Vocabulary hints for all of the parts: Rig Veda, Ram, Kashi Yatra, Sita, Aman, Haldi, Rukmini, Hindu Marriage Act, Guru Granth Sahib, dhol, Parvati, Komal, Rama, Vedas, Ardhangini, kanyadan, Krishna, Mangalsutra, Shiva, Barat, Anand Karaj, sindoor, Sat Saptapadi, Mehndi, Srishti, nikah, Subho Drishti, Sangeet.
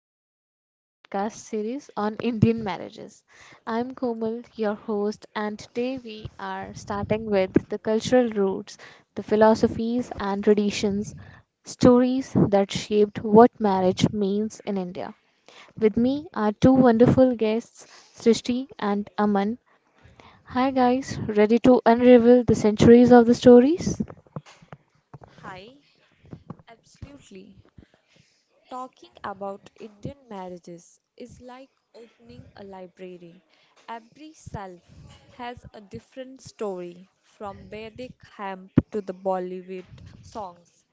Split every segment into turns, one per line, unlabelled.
welcome to our podcast series on Indian marriages. I'm Komal, your host, and today we are starting with the cultural roots, the philosophies and traditions, stories that shaped what marriage means in India. With me are two wonderful guests, Srishti and Aman. Hi guys, ready to unravel the centuries of the stories? Hi, absolutely. Talking about Indian marriages is like opening a library. Every self has a different story, from Vedic hemp to the Bollywood songs.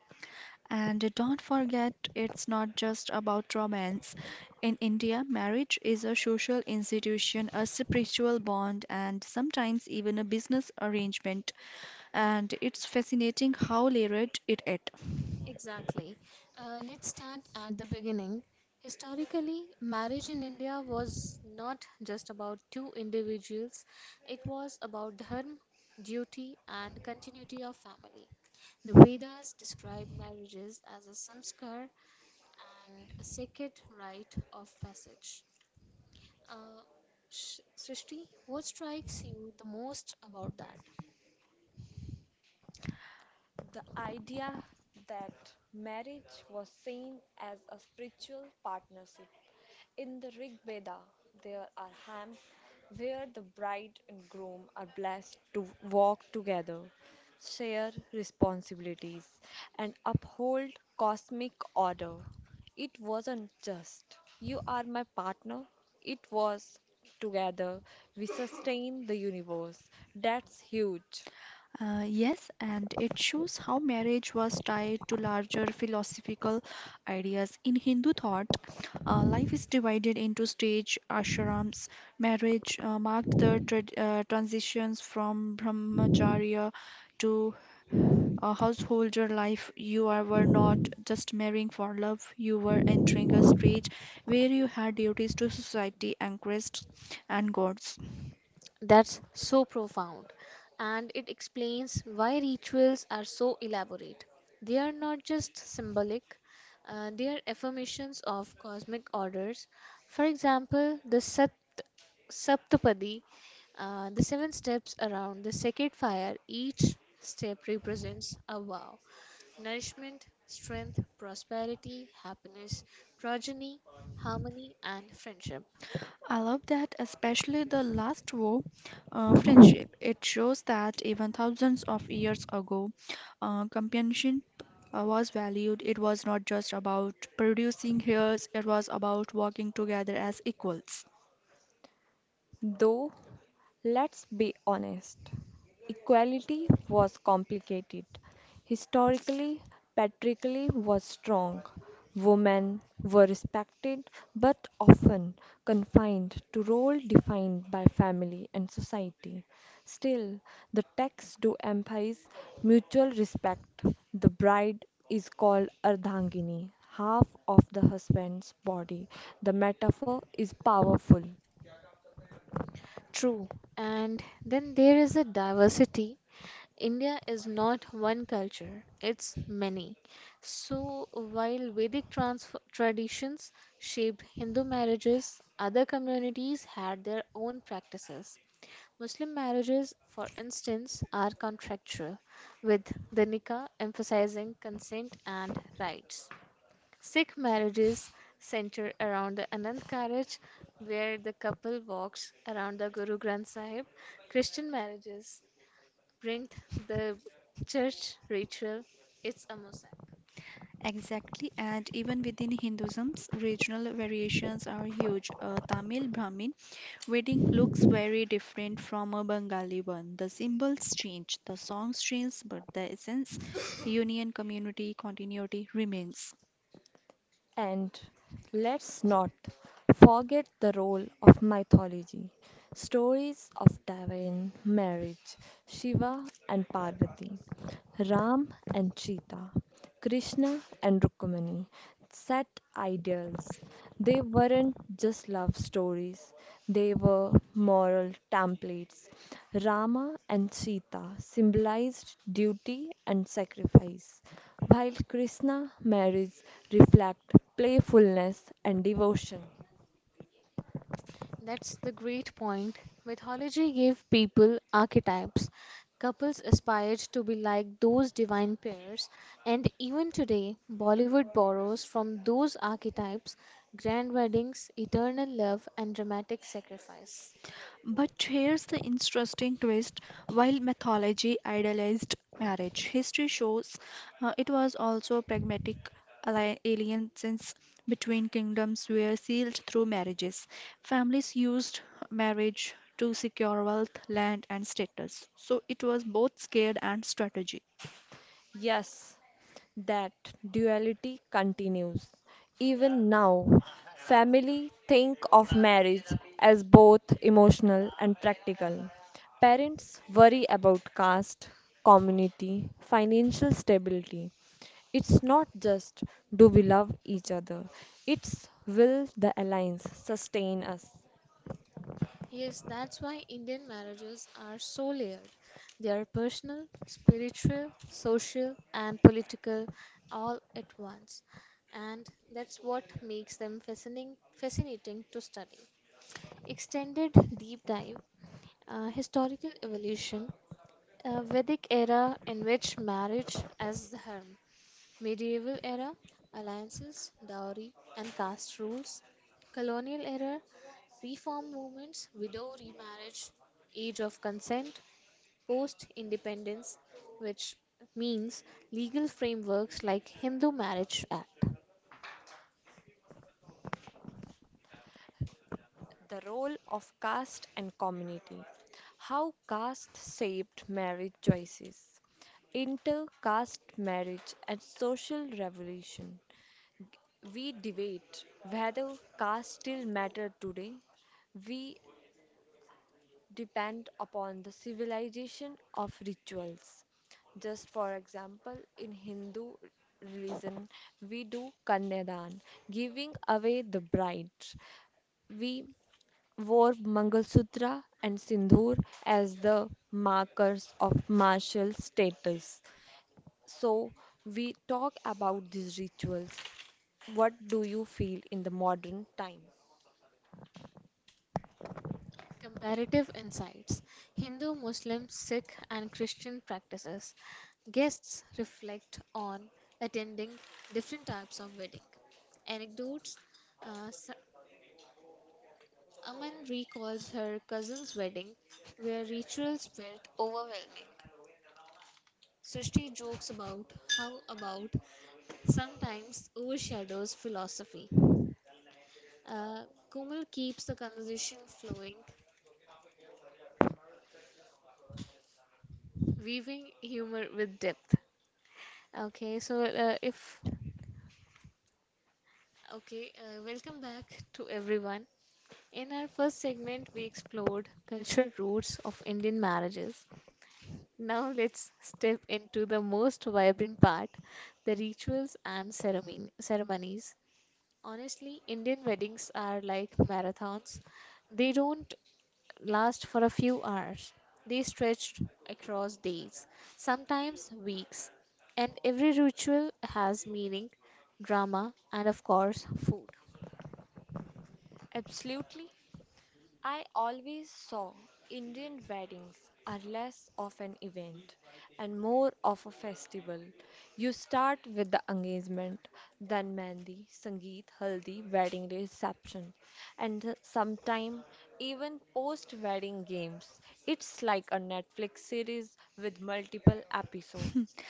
And don't forget, it's not just about romance. In India, marriage is a social institution, a spiritual bond, and sometimes even a business arrangement. And it's fascinating how layered it is.
Exactly. Let's start at the beginning. Historically, marriage in India was not just about two individuals, it was about dharma, duty, and continuity of family. The Vedas describe marriages as a samskar and a sacred rite of passage. Uh, Srishti, what strikes you the most about that? The idea that marriage was seen as a spiritual partnership. In the Rig Veda, there are hymns where the bride and groom are blessed to walk together, share responsibilities, and uphold cosmic order. It wasn't just, you are my partner. It was, together we sustain the universe. That's huge.
Yes, and it shows how marriage was tied to larger philosophical ideas. In Hindu thought, life is divided into stage ashrams. Marriage marked the trad transitions from brahmacharya to householder life. You were not just marrying for love, you were entering a stage where you had duties to society and Christ and gods.
That's so profound, and it explains why rituals are so elaborate. They are not just symbolic, they are affirmations of cosmic orders. For example, the Sat Saptapadi, the seven steps around the sacred fire, each step represents a vow: nourishment, strength, prosperity, happiness, progeny, harmony, and friendship.
I love that, especially the last war, friendship. It shows that even thousands of years ago, companionship was valued. It was not just about producing heirs, it was about working together as equals.
Though, let's be honest. Equality was complicated. Historically, patriarchy was strong. Women were respected but often confined to roles defined by family and society. Still, the texts do emphasize mutual respect. The bride is called Ardhangini, half of the husband's body. The metaphor is powerful. True. And then there is a diversity. India is not one culture, it's many. So while Vedic trans traditions shaped Hindu marriages, other communities had their own practices. Muslim marriages, for instance, are contractual, with the nikah emphasizing consent and rights. Sikh marriages center around the Anand Karaj, where the couple walks around the Guru Granth Sahib. Christian marriages bring the church ritual. It's a mosaic.
Exactly, and even within Hinduism, regional variations are huge. A Tamil Brahmin wedding looks very different from a Bengali one. The symbols change, the songs change, but the essence, union, community, continuity remains.
And let's not forget the role of mythology. Stories of divine marriage, Shiva and Parvati, Ram and Sita, Krishna and Rukmini, set ideals. They weren't just love stories, they were moral templates. Rama and Sita symbolized duty and sacrifice, while Krishna marriage reflect playfulness and devotion. That's the great point. Mythology gave people archetypes. Couples aspired to be like those divine pairs, and even today, Bollywood borrows from those archetypes: grand weddings, eternal love, and dramatic sacrifice.
But here's the interesting twist while mythology idealized marriage, history shows it was also pragmatic alliances between kingdoms were sealed through marriages. Families used marriage to secure wealth, land, and status. So it was both scared and strategy.
Yes, that duality continues. Even now, family think of marriage as both emotional and practical. Parents worry about caste, community, financial stability. It's not just do we love each other, it's will the alliance sustain us. Yes, that's why Indian marriages are so layered. They are personal, spiritual, social, and political all at once. And that's what makes them fascinating, fascinating to study. Extended deep dive, historical evolution, a Vedic era in which marriage as the harm. Medieval era alliances, dowry and caste rules, colonial era reform movements, widow remarriage, age of consent, post independence, which means legal frameworks like Hindu Marriage Act. The role of caste and community. How caste shaped marriage choices. Inter caste marriage and social revolution. We debate whether caste still matter today. We depend upon the civilization of rituals. Just for example, in Hindu religion, we do kanyadan, giving away the bride. We wore Mangalsutra and sindoor as the markers of martial status. So, we talk about these rituals. What do you feel in the modern time? Comparative insights: Hindu, Muslim, Sikh, and Christian practices. Guests reflect on attending different types of wedding. Anecdotes: uh, S- Aman recalls her cousin's wedding where rituals felt overwhelming. Srishti jokes about how about sometimes overshadows philosophy. Uh, Kumal keeps the conversation flowing, weaving humor with depth. Okay, so if okay, Welcome back to everyone. In our first segment, we explored cultural roots of Indian marriages. Now let's step into the most vibrant part, the rituals and ceremony ceremonies. Honestly, Indian weddings are like marathons. They don't last for a few hours. They stretched across days, sometimes weeks, and every ritual has meaning, drama, and of course, food. Absolutely. I always saw Indian weddings are less of an event and more of a festival. You start with the engagement, then mehndi, sangeet, haldi, wedding day reception, and sometime even post-wedding games. It's like a Netflix series with multiple episodes.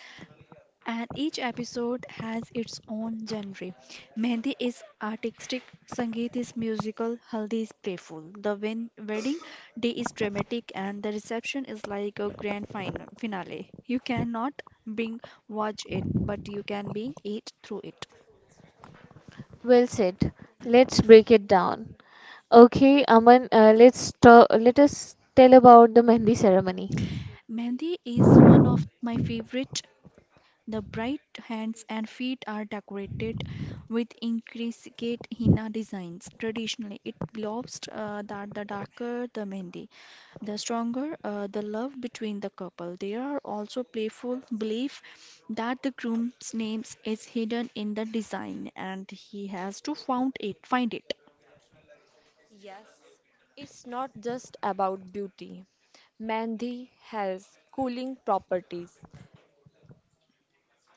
And each episode has its own genre. Mehndi is artistic, Sangeet is musical, Haldi is playful. The wedding day is dramatic, and the reception is like a grand finale. You cannot bring watch it, but you can being it through it.
Well said. Let's break it down. Okay, Aman, let us tell about the Mehndi ceremony.
Mehndi is one of my favorite. The bright hands and feet are decorated with intricate henna designs. Traditionally, it believes that the darker the mehndi, the stronger the love between the couple. There are also playful belief that the groom's name is hidden in the design and he has to find it.
Yes, it's not just about beauty. Mehndi has cooling properties.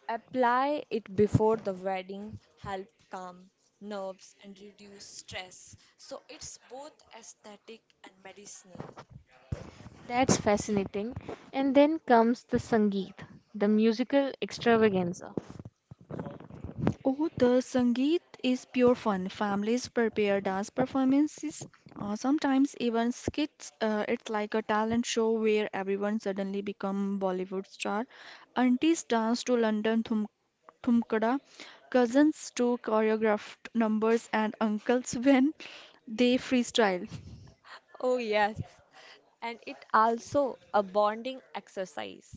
Apply it before the wedding, help calm nerves and reduce stress. So it's both aesthetic and medicinal. That's fascinating. And then comes the Sangeet, the musical extravaganza.
Oh, the Sangeet is pure fun. Families prepare dance performances or sometimes even skits. It's like a talent show where everyone suddenly become Bollywood star. Aunties dance to London Thumkada, cousins to choreographed numbers, and uncles when they freestyle.
Oh, yes, and it also a bonding exercise.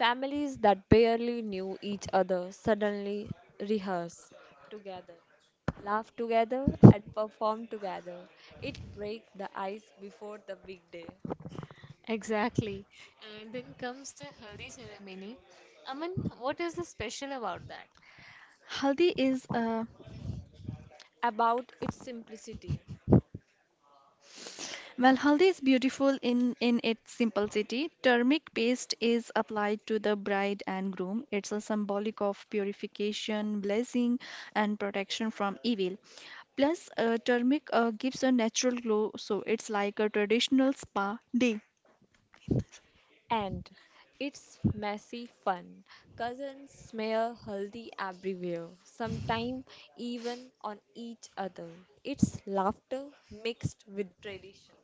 Families that barely knew each other suddenly rehearse together, laugh together, and perform together. It breaks the ice before the big day. Exactly. And then comes the Haldi ceremony. Aman, what is the special about that?
Haldi is
About its simplicity.
Well, haldi is beautiful in its simplicity. Turmeric paste is applied to the bride and groom. It's a symbolic of purification, blessing, and protection from evil. Plus, turmeric gives a natural glow, so it's like a traditional spa day.
And it's messy fun. Cousins smear haldi everywhere, sometimes even on each other. It's laughter mixed with tradition.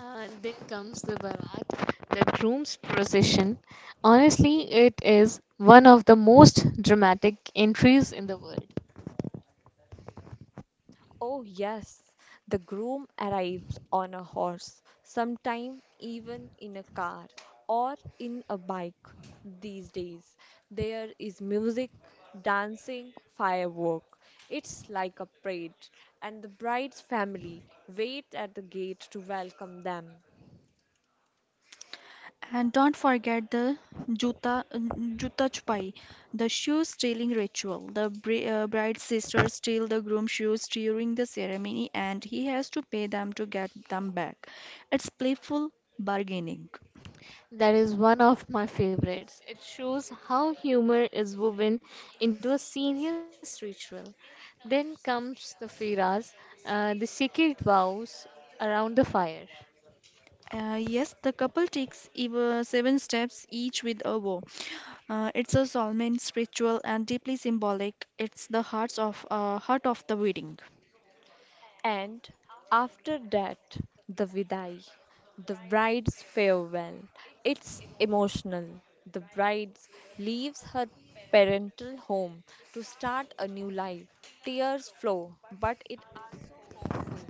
Then comes the Barat, the groom's procession. Honestly, it is one of the most dramatic entries in the world. Oh, yes, the groom arrives on a horse, sometime even in a car or in a bike these days. There is music, dancing, firework. It's like a parade, and the bride's family wait at the gate to welcome them.
And don't forget the Juta, Juta Chupai, the shoe stealing ritual. The bride's sisters steal the groom's shoes during the ceremony and he has to pay them to get them back. It's playful bargaining.
That is one of my favorites. It shows how humor is woven into a serious ritual. Then comes the firas, the sacred vows around the fire.
Yes, the couple takes 7 steps each with a vow. It's a solemn, spiritual, and deeply symbolic. It's the heart of the wedding.
And after that, the vidai, the bride's farewell. It's emotional. The bride leaves her parental home to start a new life. Tears flow, but it are so hopeful.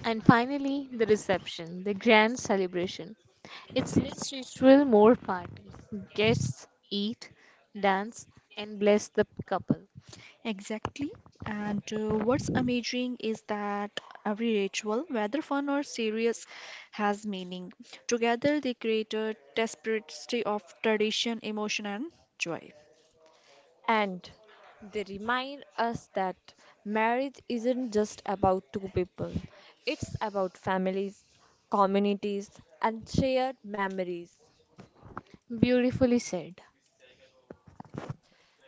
And finally, the reception, the grand celebration. It's less ritual, more party. Guests eat, dance, and bless the couple.
Exactly. And what's amazing is that every ritual, whether fun or serious, has meaning. Together, they create a tapestry of tradition, emotion, and joy.
And they remind us that marriage isn't just about two people, it's about families, communities, and shared memories. Beautifully said.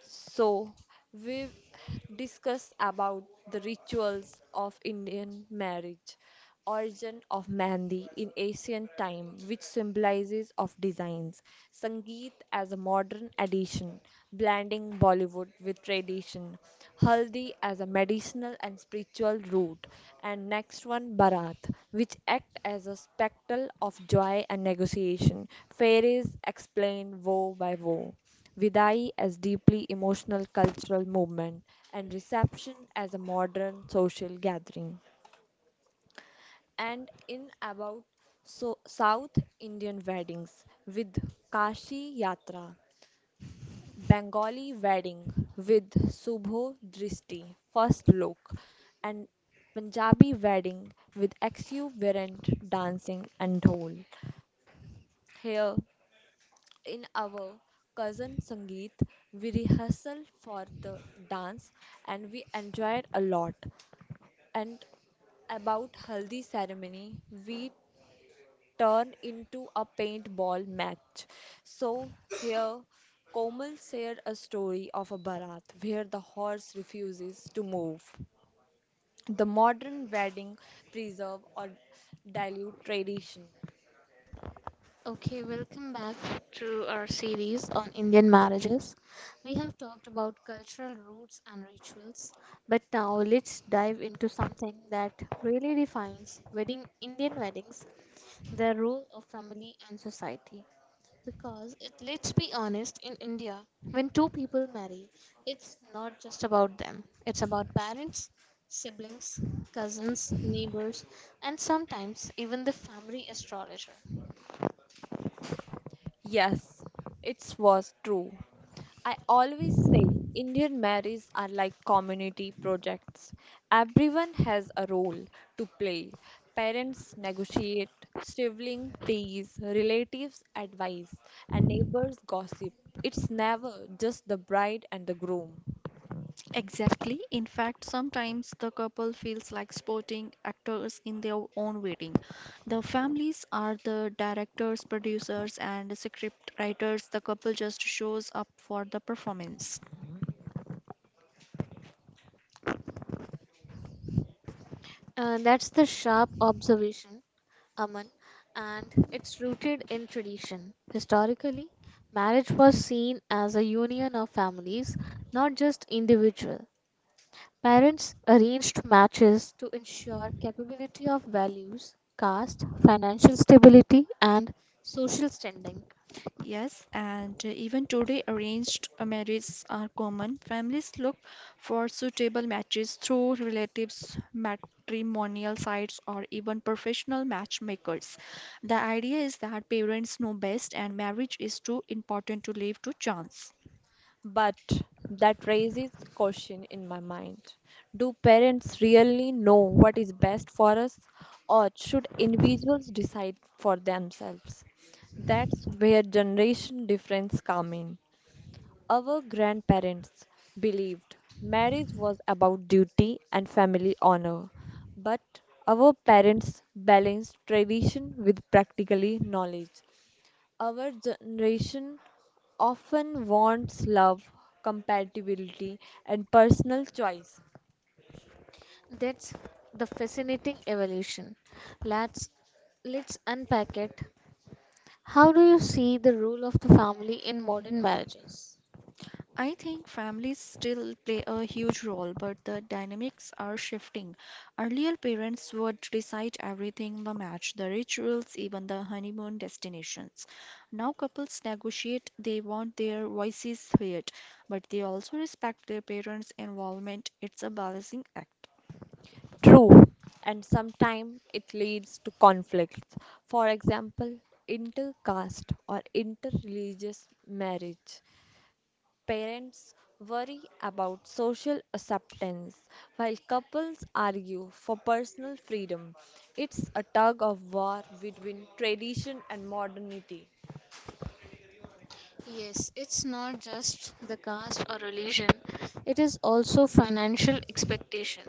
So, we discuss about the rituals of Indian marriage, origin of Mehndi in ancient time, which symbolizes of designs, Sangeet as a modern addition, blending Bollywood with tradition, Haldi as a medicinal and spiritual root, and next one Bharat, which act as a spectacle of joy and negotiation. Fairies explain woe by woe. Vidai as deeply emotional cultural movement and reception as a modern social gathering. And in about so South Indian weddings with Kashi Yatra, Bengali wedding with Subho Drishti, first look, and Punjabi wedding with exuberant dancing and dhol. Here in our cousin Sangeet, we rehearsed for the dance and we enjoyed a lot. And about haldi ceremony, we turn into a paintball match. So here, Komal shared a story of a barat where the horse refuses to move. The modern wedding preserve or dilute tradition. Okay, welcome back to our series on Indian marriages. We have talked about cultural roots and rituals, but now let's dive into something that really defines wedding Indian weddings, the role of family and society. Because it, let's be honest, in India, when two people marry, it's not just about them. It's about parents, siblings, cousins, neighbors, and sometimes even the family astrologer. Yes, it was true. I always say Indian marriages are like community projects. Everyone has a role to play. Parents negotiate, siblings tease, relatives advise, and neighbors gossip. It's never just the bride and the groom.
Exactly. In fact, sometimes the couple feels like sporting actors in their own wedding. The families are the directors, producers, and script writers. The couple just shows up for the performance.
That's the sharp observation, Aman, and it's rooted in tradition. Historically, marriage was seen as a union of families, not just individual. Parents arranged matches to ensure capability of values, caste, financial stability, and social standing.
Yes, and even today, arranged marriages are common. Families look for suitable matches through relatives, matrimonial sites, or even professional matchmakers. The idea is that parents know best, and marriage is too important to leave to chance.
But that raises question in my mind. Do parents really know what is best for us, or should individuals decide for themselves? That's where generation difference come in. Our grandparents believed marriage was about duty and family honor, but our parents balanced tradition with practically knowledge. Our generation often wants love, compatibility, and personal choice. That's the fascinating evolution. Let's let's unpack it. How do you see the role of the family in modern marriages?
I think families still play a huge role, but the dynamics are shifting. Earlier, parents would decide everything the match, the rituals, even the honeymoon destinations. Now, couples negotiate, they want their voices heard, but they also respect their parents' involvement. It's a balancing act.
True, and sometimes it leads to conflicts. For example, intercaste or interreligious marriage. Parents worry about social acceptance, while couples argue for personal freedom. It's a tug of war between tradition and modernity. Yes, it's not just the caste or religion, it is also financial expectation.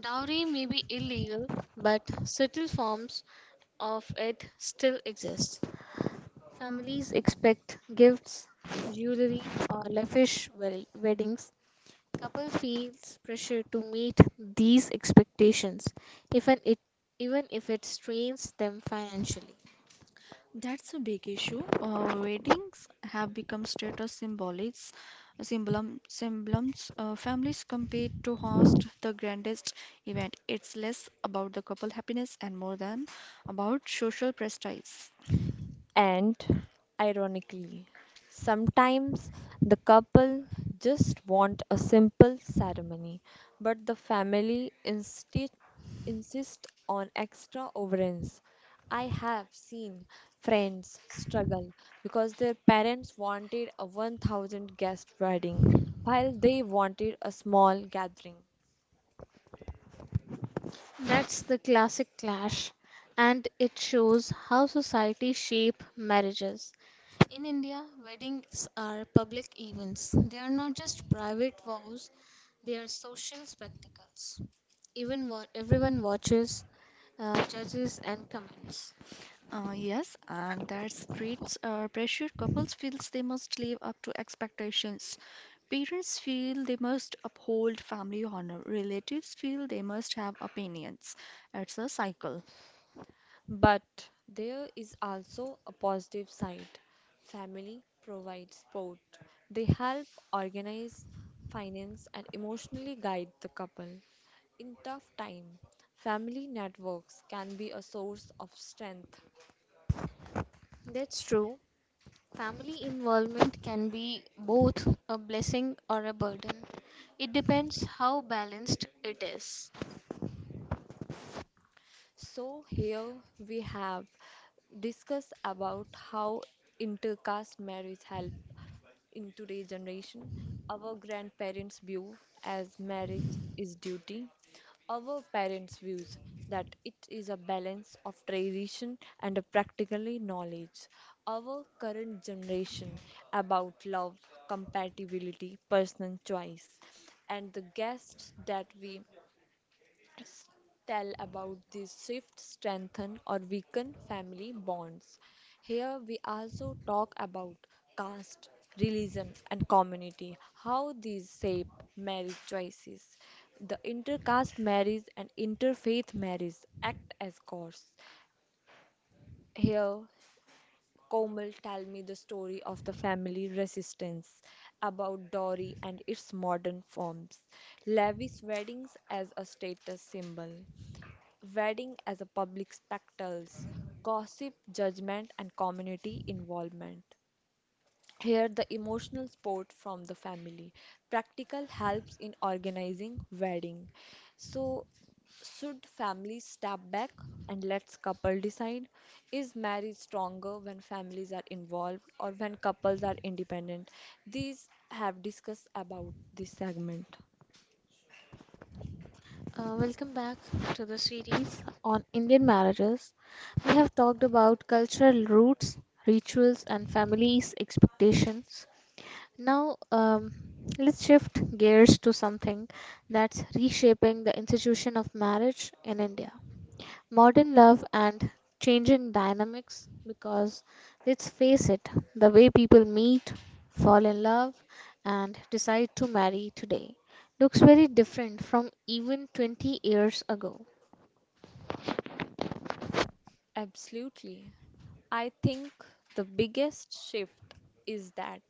Dowry may be illegal, but subtle forms of it still exist. Families expect gifts, jewelry, or lavish weddings. Couple feels pressure to meet these expectations, even it even if it strains them financially.
That's a big issue. Weddings have become status symbols. Families compete to host the grandest event. It's less about the couple happiness and more than about social prestige.
And ironically, sometimes the couple just want a simple ceremony, but the family insist on extra overance. I have seen friends struggle because their parents wanted a 1,000 guest wedding while they wanted a small gathering. That's the classic clash, and it shows how society shape marriages. In India, weddings are public events. They are not just private vows, they are social spectacles. Everyone watches, judges, and comments.
Yes, and that creates pressure. Couples feels they must live up to expectations. Parents feel they must uphold family honor. Relatives feel they must have opinions. It's a cycle.
But there is also a positive side. Family provides support. They help organize, finance, and emotionally guide the couple. In tough time, family networks can be a source of strength. That's true. Family involvement can be both a blessing or a burden. It depends how balanced it is. So here we have discussed about how intercaste marriage help in today's generation, our grandparents' view as marriage is duty, our parents' views that it is a balance of tradition and a practically knowledge, our current generation about love, compatibility, personal choice, and the guests that we tell about this shift strengthen or weaken family bonds. Here we also talk about caste, religion, and community, how these shape marriage choices. The intercaste marriage and interfaith marriage act as cause. Here, Komal tell me the story of the family resistance about dowry and its modern forms, lavish weddings as a status symbol, wedding as a public spectacles, gossip, judgment, and community involvement. Here, the emotional support from the family, practical helps in organizing wedding. So, should families step back and let couple decide? Is marriage stronger when families are involved or when couples are independent? These have discussed about this segment. Welcome back to the series on Indian marriages. We have talked about cultural roots, rituals, and families' expectations. Now, let's shift gears to something that's reshaping the institution of marriage in India modern love and changing dynamics because let's face it, the way people meet, fall in love, and decide to marry today looks very different from even 20 years ago. Absolutely. I think the biggest shift is that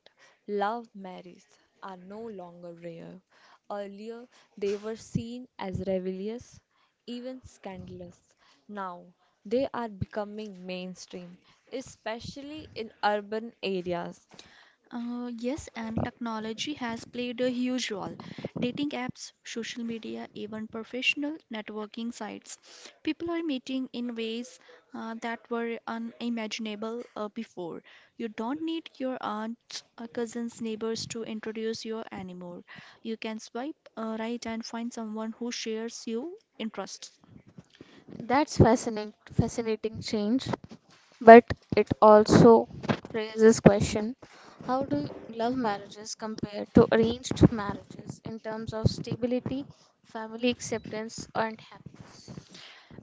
love marriages are no longer rare. Earlier, they were seen as rebellious, even scandalous. Now, they are becoming mainstream, especially in urban areas.
Yes, and technology has played a huge role. Dating apps, social media, even professional networking sites. People are meeting in ways that were unimaginable before. You don't need your aunts, cousins, neighbors to introduce you anymore. You can swipe right and find someone who shares your interests.
That's fascinating change. But it also raises question, how do love marriages compare to arranged marriages in terms of stability, family acceptance, and happiness?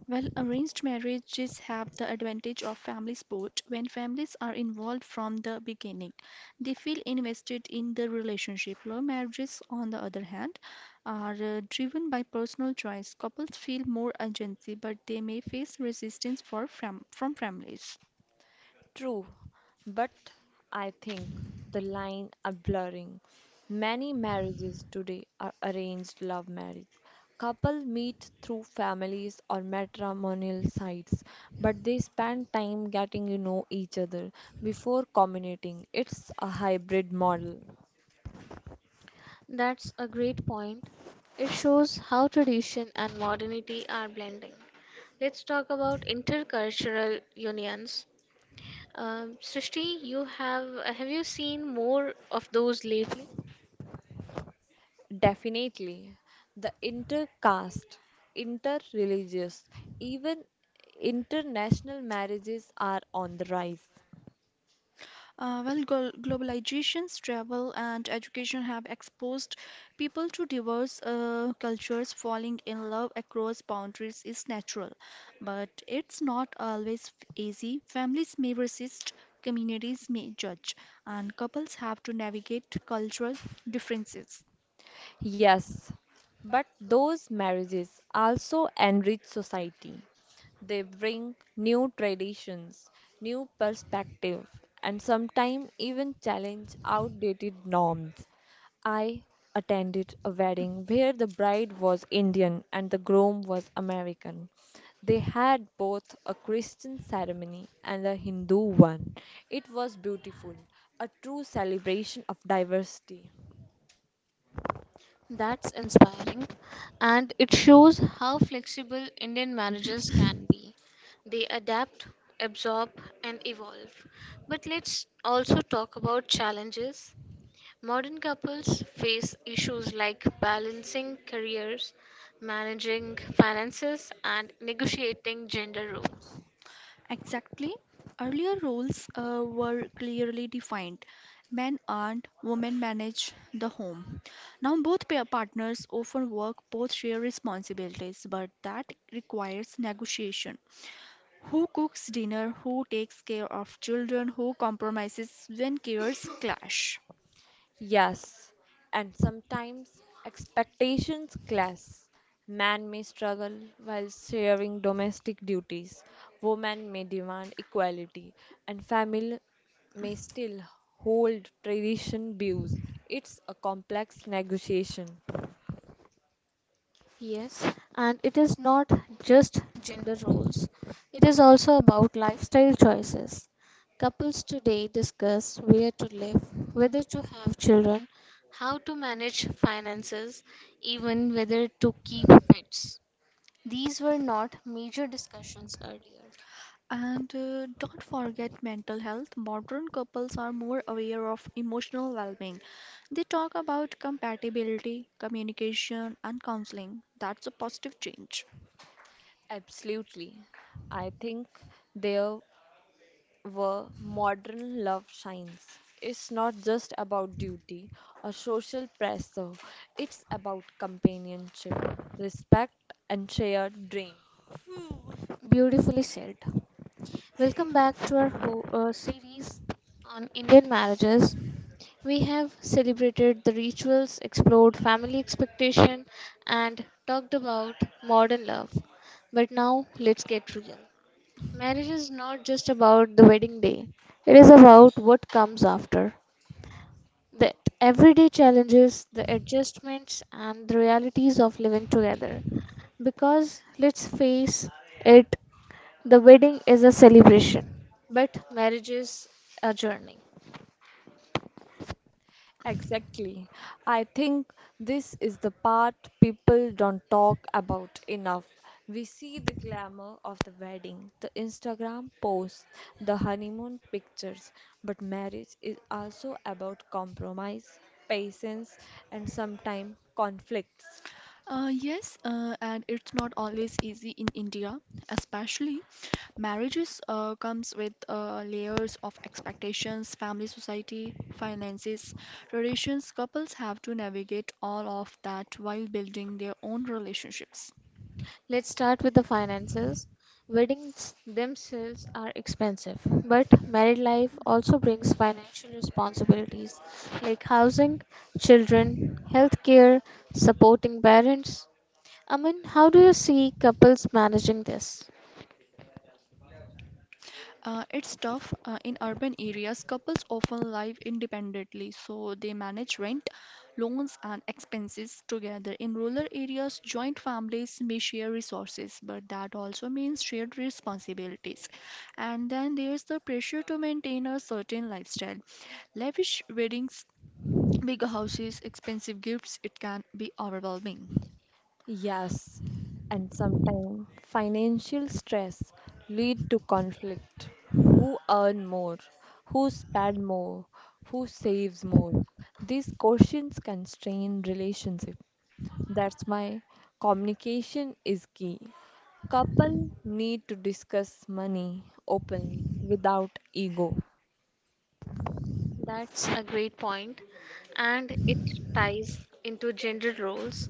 Well, arranged marriages have the advantage of family support, when families are involved from the beginning, they feel invested in the relationship. Love marriages, on the other hand, are driven by personal choice. Couples feel more agency, but they may face resistance for from families.
True, but I think the line are blurring. Many marriages today are arranged love marriage. Couple meet through families or matrimonial sites, but they spend time getting to know each other before committing. It's a hybrid model. That's a great point. It shows how tradition and modernity are blending. Let's talk about intercultural unions. Srishti, you have you seen more of those lately? Definitely. The intercaste, interreligious, even international marriages are on the rise.
Well, globalizations, travel, and education have exposed people to diverse cultures. Falling in love across boundaries is natural, but it's not always easy. Families may resist, communities may judge, and couples have to navigate cultural differences.
Yes, but those marriages also enrich society. They bring new traditions, new perspective, and sometimes even challenge outdated norms. I attended a wedding where the bride was Indian and the groom was American. They had both a Christian ceremony and a Hindu one. It was beautiful, a true celebration of diversity. That's inspiring, and it shows how flexible Indian marriages can be. They adapt, absorb, and evolve. But let's also talk about challenges. Modern couples face issues like balancing careers, managing finances, and negotiating gender roles.
Exactly. Earlier roles were clearly defined. Men earn, women manage the home. Now, both pair partners often work, both share responsibilities, but that requires negotiation. Who cooks dinner? Who takes care of children? Who compromises when cares clash?
Yes, and sometimes expectations clash. Man may struggle while sharing domestic duties, woman may demand equality, and family may still hold tradition views. It's a complex negotiation. Yes, and it is not just gender roles, it is also about lifestyle choices. Couples today discuss where to live, whether to have children, how to manage finances, even whether to keep pets. These were not major discussions earlier.
And don't forget mental health. Modern couples are more aware of emotional well being. They talk about compatibility, communication, and counseling. That's a positive change.
Absolutely. I think there where modern love shines. It's not just about duty or social pressure, it's about companionship, respect, and shared dream. Beautifully said. Welcome back to our series on Indian marriages. We have celebrated the rituals, explored family expectation, and talked about modern love. But now let's get real. Marriage is not just about the wedding day, it is about what comes after. The everyday challenges, the adjustments, and the realities of living together. Because let's face it, the wedding is a celebration, but marriage is a journey. Exactly. I think this is the part people don't talk about enough. We see the glamour of the wedding, the Instagram posts, the honeymoon pictures, but marriage is also about compromise, patience, and sometimes conflicts.
Yes, and it's not always easy in India, especially marriages comes with layers of expectations, family, society, finances, traditions. Couples have to navigate all of that while building their own relationships.
Let's start with the finances. Weddings themselves are expensive, but married life also brings financial responsibilities like housing, children, healthcare, supporting parents. I mean, how do you see couples managing this?
It's tough. In urban areas, couples often live independently, so they manage rent, loans, and expenses together. In rural areas, joint families may share resources, but that also means shared responsibilities. And then there's the pressure to maintain a certain lifestyle. Lavish weddings, big houses, expensive gifts, it can be overwhelming.
Yes, and sometimes financial stress lead to conflict. Who earn more? Who spend more? Who saves more? These questions constrain relationship. That's why communication is key. Couple need to discuss money openly without ego. That's a great point, and it ties into gender roles.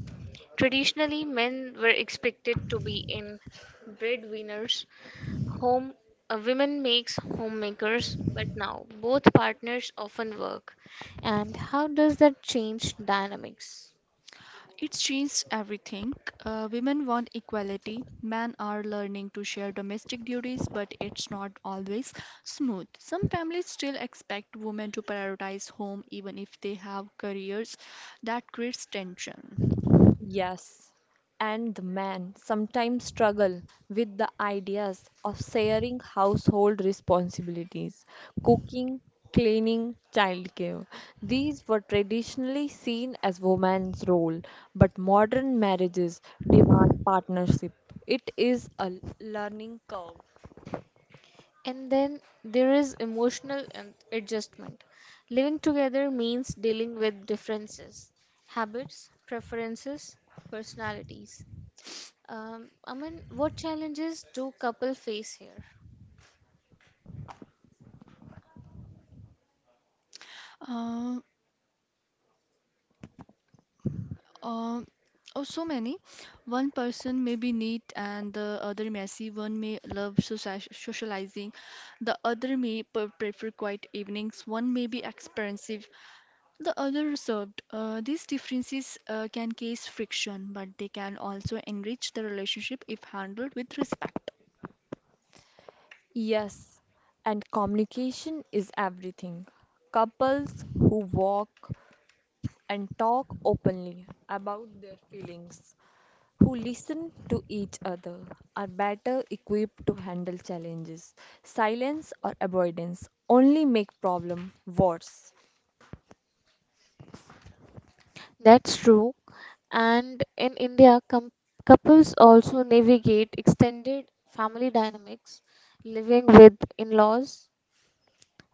Traditionally, men were expected to be in breadwinners, home women makes homemakers, but now both partners often work. And how does that change dynamics?
It's changed everything. Women want equality. Men are learning to share domestic duties, but it's not always smooth. Some families still expect women to prioritize home even if they have careers. That creates tension.
Yes, and the men sometimes struggle with the ideas of sharing household responsibilities, cooking, cleaning, childcare. These were traditionally seen as woman's role, but modern marriages demand partnership. It is a learning curve. And then there is emotional adjustment. Living together means dealing with differences, habits, preferences, personalities. I mean, what challenges do couple face here?
Uh, uh, oh, so many. One person may be neat and the other messy. One may love socializing, the other may prefer quiet evenings. One may be expensive. The other reserved. These differences can cause friction, but they can also enrich the relationship if handled with respect.
Yes, and communication is everything. Couples who walk and talk openly about their feelings, who listen to each other are better equipped to handle challenges. Silence or avoidance only make problem worse. That's true. And in India, couples also navigate extended family dynamics, living with in laws,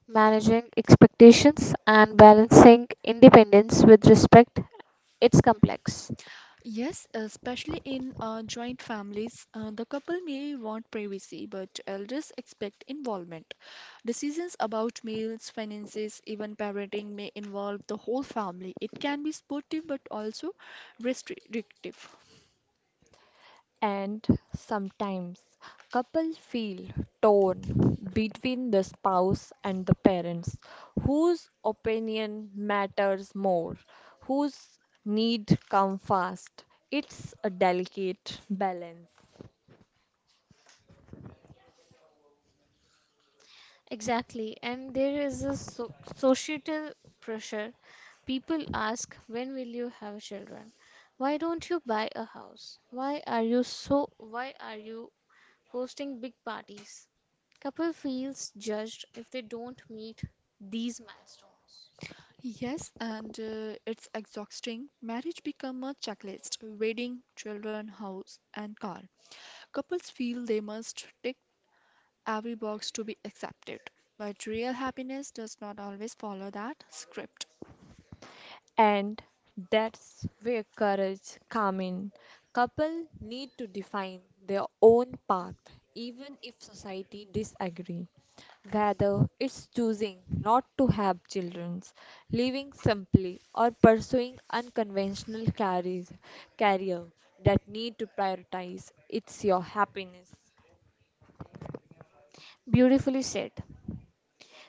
managing expectations, and balancing independence with respect. It's complex.
Yes, especially in joint families, the couple may want privacy, but elders expect involvement. Decisions about meals, finances, even parenting may involve the whole family. It can be supportive but also restrictive.
And sometimes couples feel torn between the spouse and the parents. Whose opinion matters more? Whose need come first? It's a delicate balance. Exactly, and there is a societal pressure. People ask, when will you have children? Why don't you buy a house? Why are you hosting big parties? Couple feels judged if they don't meet these milestones.
Yes, and it's exhausting. Marriage become a checklist: wedding, children, house, and car. Couples feel they must tick every box to be accepted, but real happiness does not always follow that script.
And that's where courage comes in. Couple need to define their own path, even if society disagree. Whether it's choosing not to have children, living simply, or pursuing unconventional careers, career that need to prioritize it's your happiness. Beautifully said.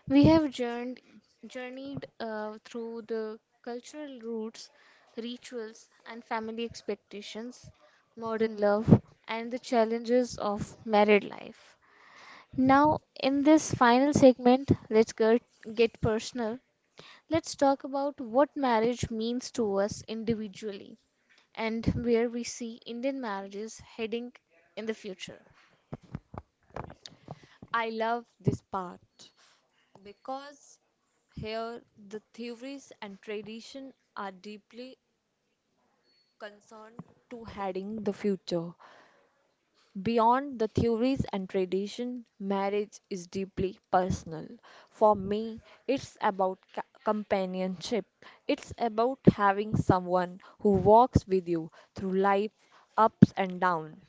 We have journeyed through the cultural roots, rituals, and family expectations, modern love, and the challenges of married life. Now, in this final segment, let's get personal. Let's talk about what marriage means to us individually and where we see Indian marriages heading in the future. I love this part because here the theories and tradition are deeply concerned to heading the future. Beyond the theories and tradition, marriage is deeply personal. For me, it's about companionship. It's about having someone who walks with you through life's ups and downs.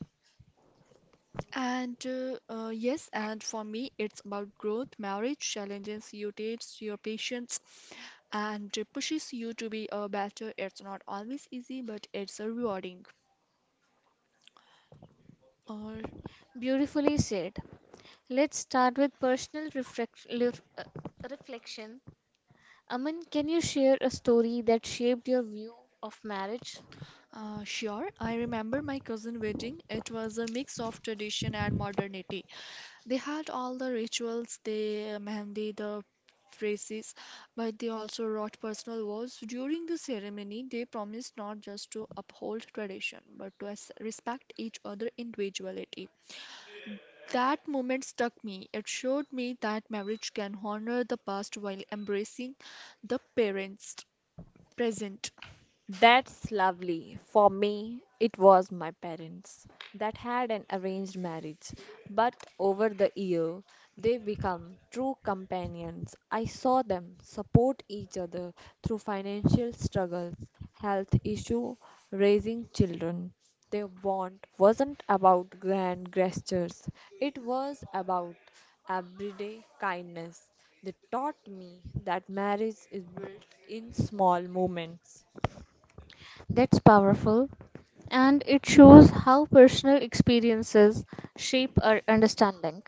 And yes, and for me, it's about growth. Marriage challenges you, tests your patience, and pushes you to be a better. It's not always easy, but it's a rewarding. Uh,
Beautifully said. Let's start with personal reflection. Aman, can you share a story that shaped your view of marriage?
Sure, I remember my cousin wedding. It was a mix of tradition and modernity. They had all the rituals, the mehndi, the phrases, but they also wrought personal vows. During the ceremony, they promised not just to uphold tradition, but to respect each other individuality. That moment struck me. It showed me that marriage can honor the past while embracing the parents present.
That's lovely. For me, it was my parents that had an arranged marriage, but over the year, they become true companions. I saw them support each other through financial struggles, health issue, raising children. Their bond wasn't about grand gestures. It was about everyday kindness. They taught me that marriage is built in small moments. That's powerful, and it shows how personal experiences shape our understanding.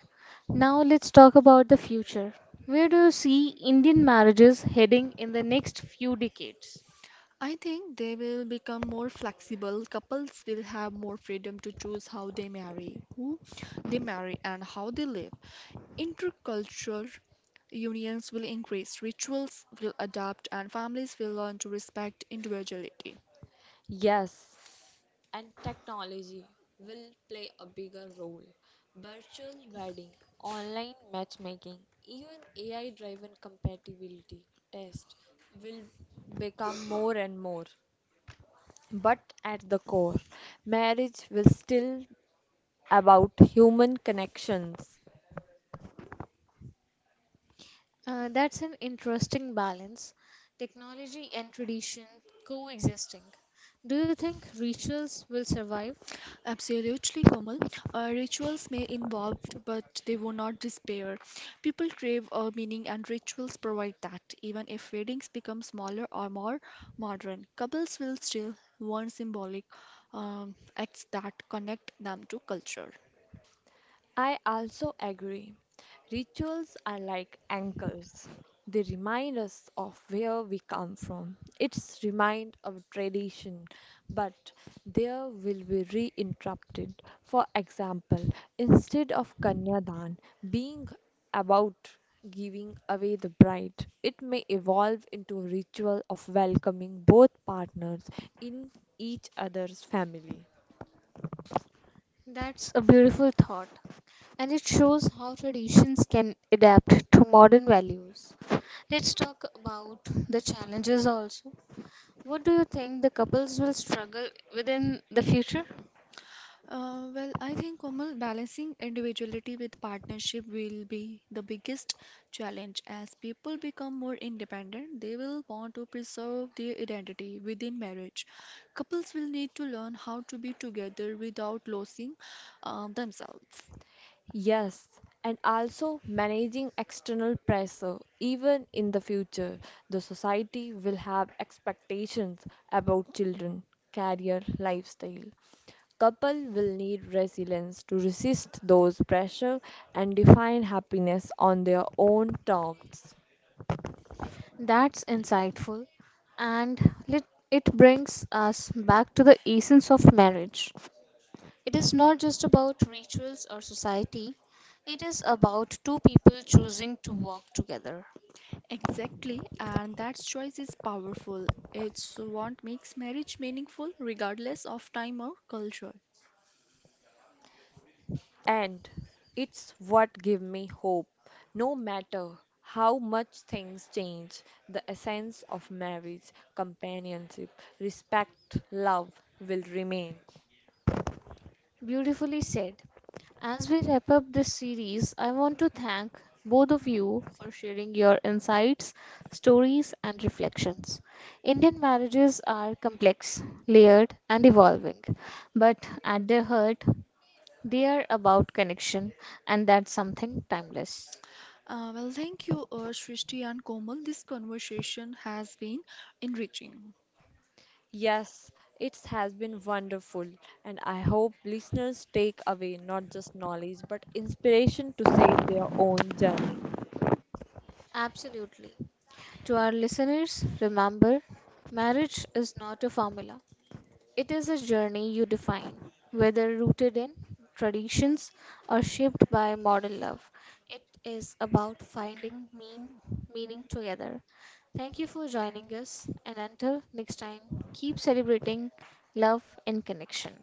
Now, let's talk about the future. Where do you see Indian marriages heading in the next few decades?
I think they will become more flexible. Couples will have more freedom to choose how they marry, who they marry, and how they live. Intercultural unions will increase, rituals will adapt, and families will learn to respect individuality.
Yes, and technology will play a bigger role. Virtual wedding, online matchmaking, even AI driven compatibility test will become more and more. But at the core, marriage will still about human connections. That's an interesting balance, technology and tradition coexisting. Do you think rituals will survive?
Absolutely, Komal. Rituals may involve, but they will not despair. People crave a meaning, and rituals provide that. Even if weddings become smaller or more modern, couples will still want symbolic acts that connect them to culture.
I also agree. Rituals are like anchors. They remind us of where we come from. It's remind of tradition, but there will be reinterrupted. For example, instead of Kanyadan being about giving away the bride, it may evolve into a ritual of welcoming both partners in each other's family. That's a beautiful thought, and it shows how traditions can adapt to modern values. Let's talk about the challenges also. What do you think the couples will struggle within the future?
Well, I think Komal, balancing individuality with partnership will be the biggest challenge. As people become more independent, they will want to preserve their identity within marriage. Couples will need to learn how to be together without losing themselves.
Yes, and also managing external pressure. Even in the future, the society will have expectations about children, career, lifestyle, couple will need resilience to resist those pressure and define happiness on their own terms. That's insightful. And let, it brings us back to the essence of marriage. It is not just about rituals or society, it is about two people choosing to work together.
Exactly, and that choice is powerful. It's what makes marriage meaningful, regardless of time or culture.
And it's what give me hope. No matter how much things change, the essence of marriage, companionship, respect, love will remain. Beautifully said. As we wrap up this series, I want to thank both of you for sharing your insights, stories, and reflections. Indian marriages are complex, layered, and evolving, but at their heart, they are about connection, and that's something timeless.
Well, thank you, Srishti and Komal. This conversation has been enriching.
Yes, it has been wonderful, and I hope listeners take away not just knowledge but inspiration to shape their own journey. Absolutely. To our listeners, remember marriage is not a formula, it is a journey you define, whether rooted in traditions or shaped by modern love. It is about finding meaning together. Thank you for joining us, and until next time, keep celebrating love and connection.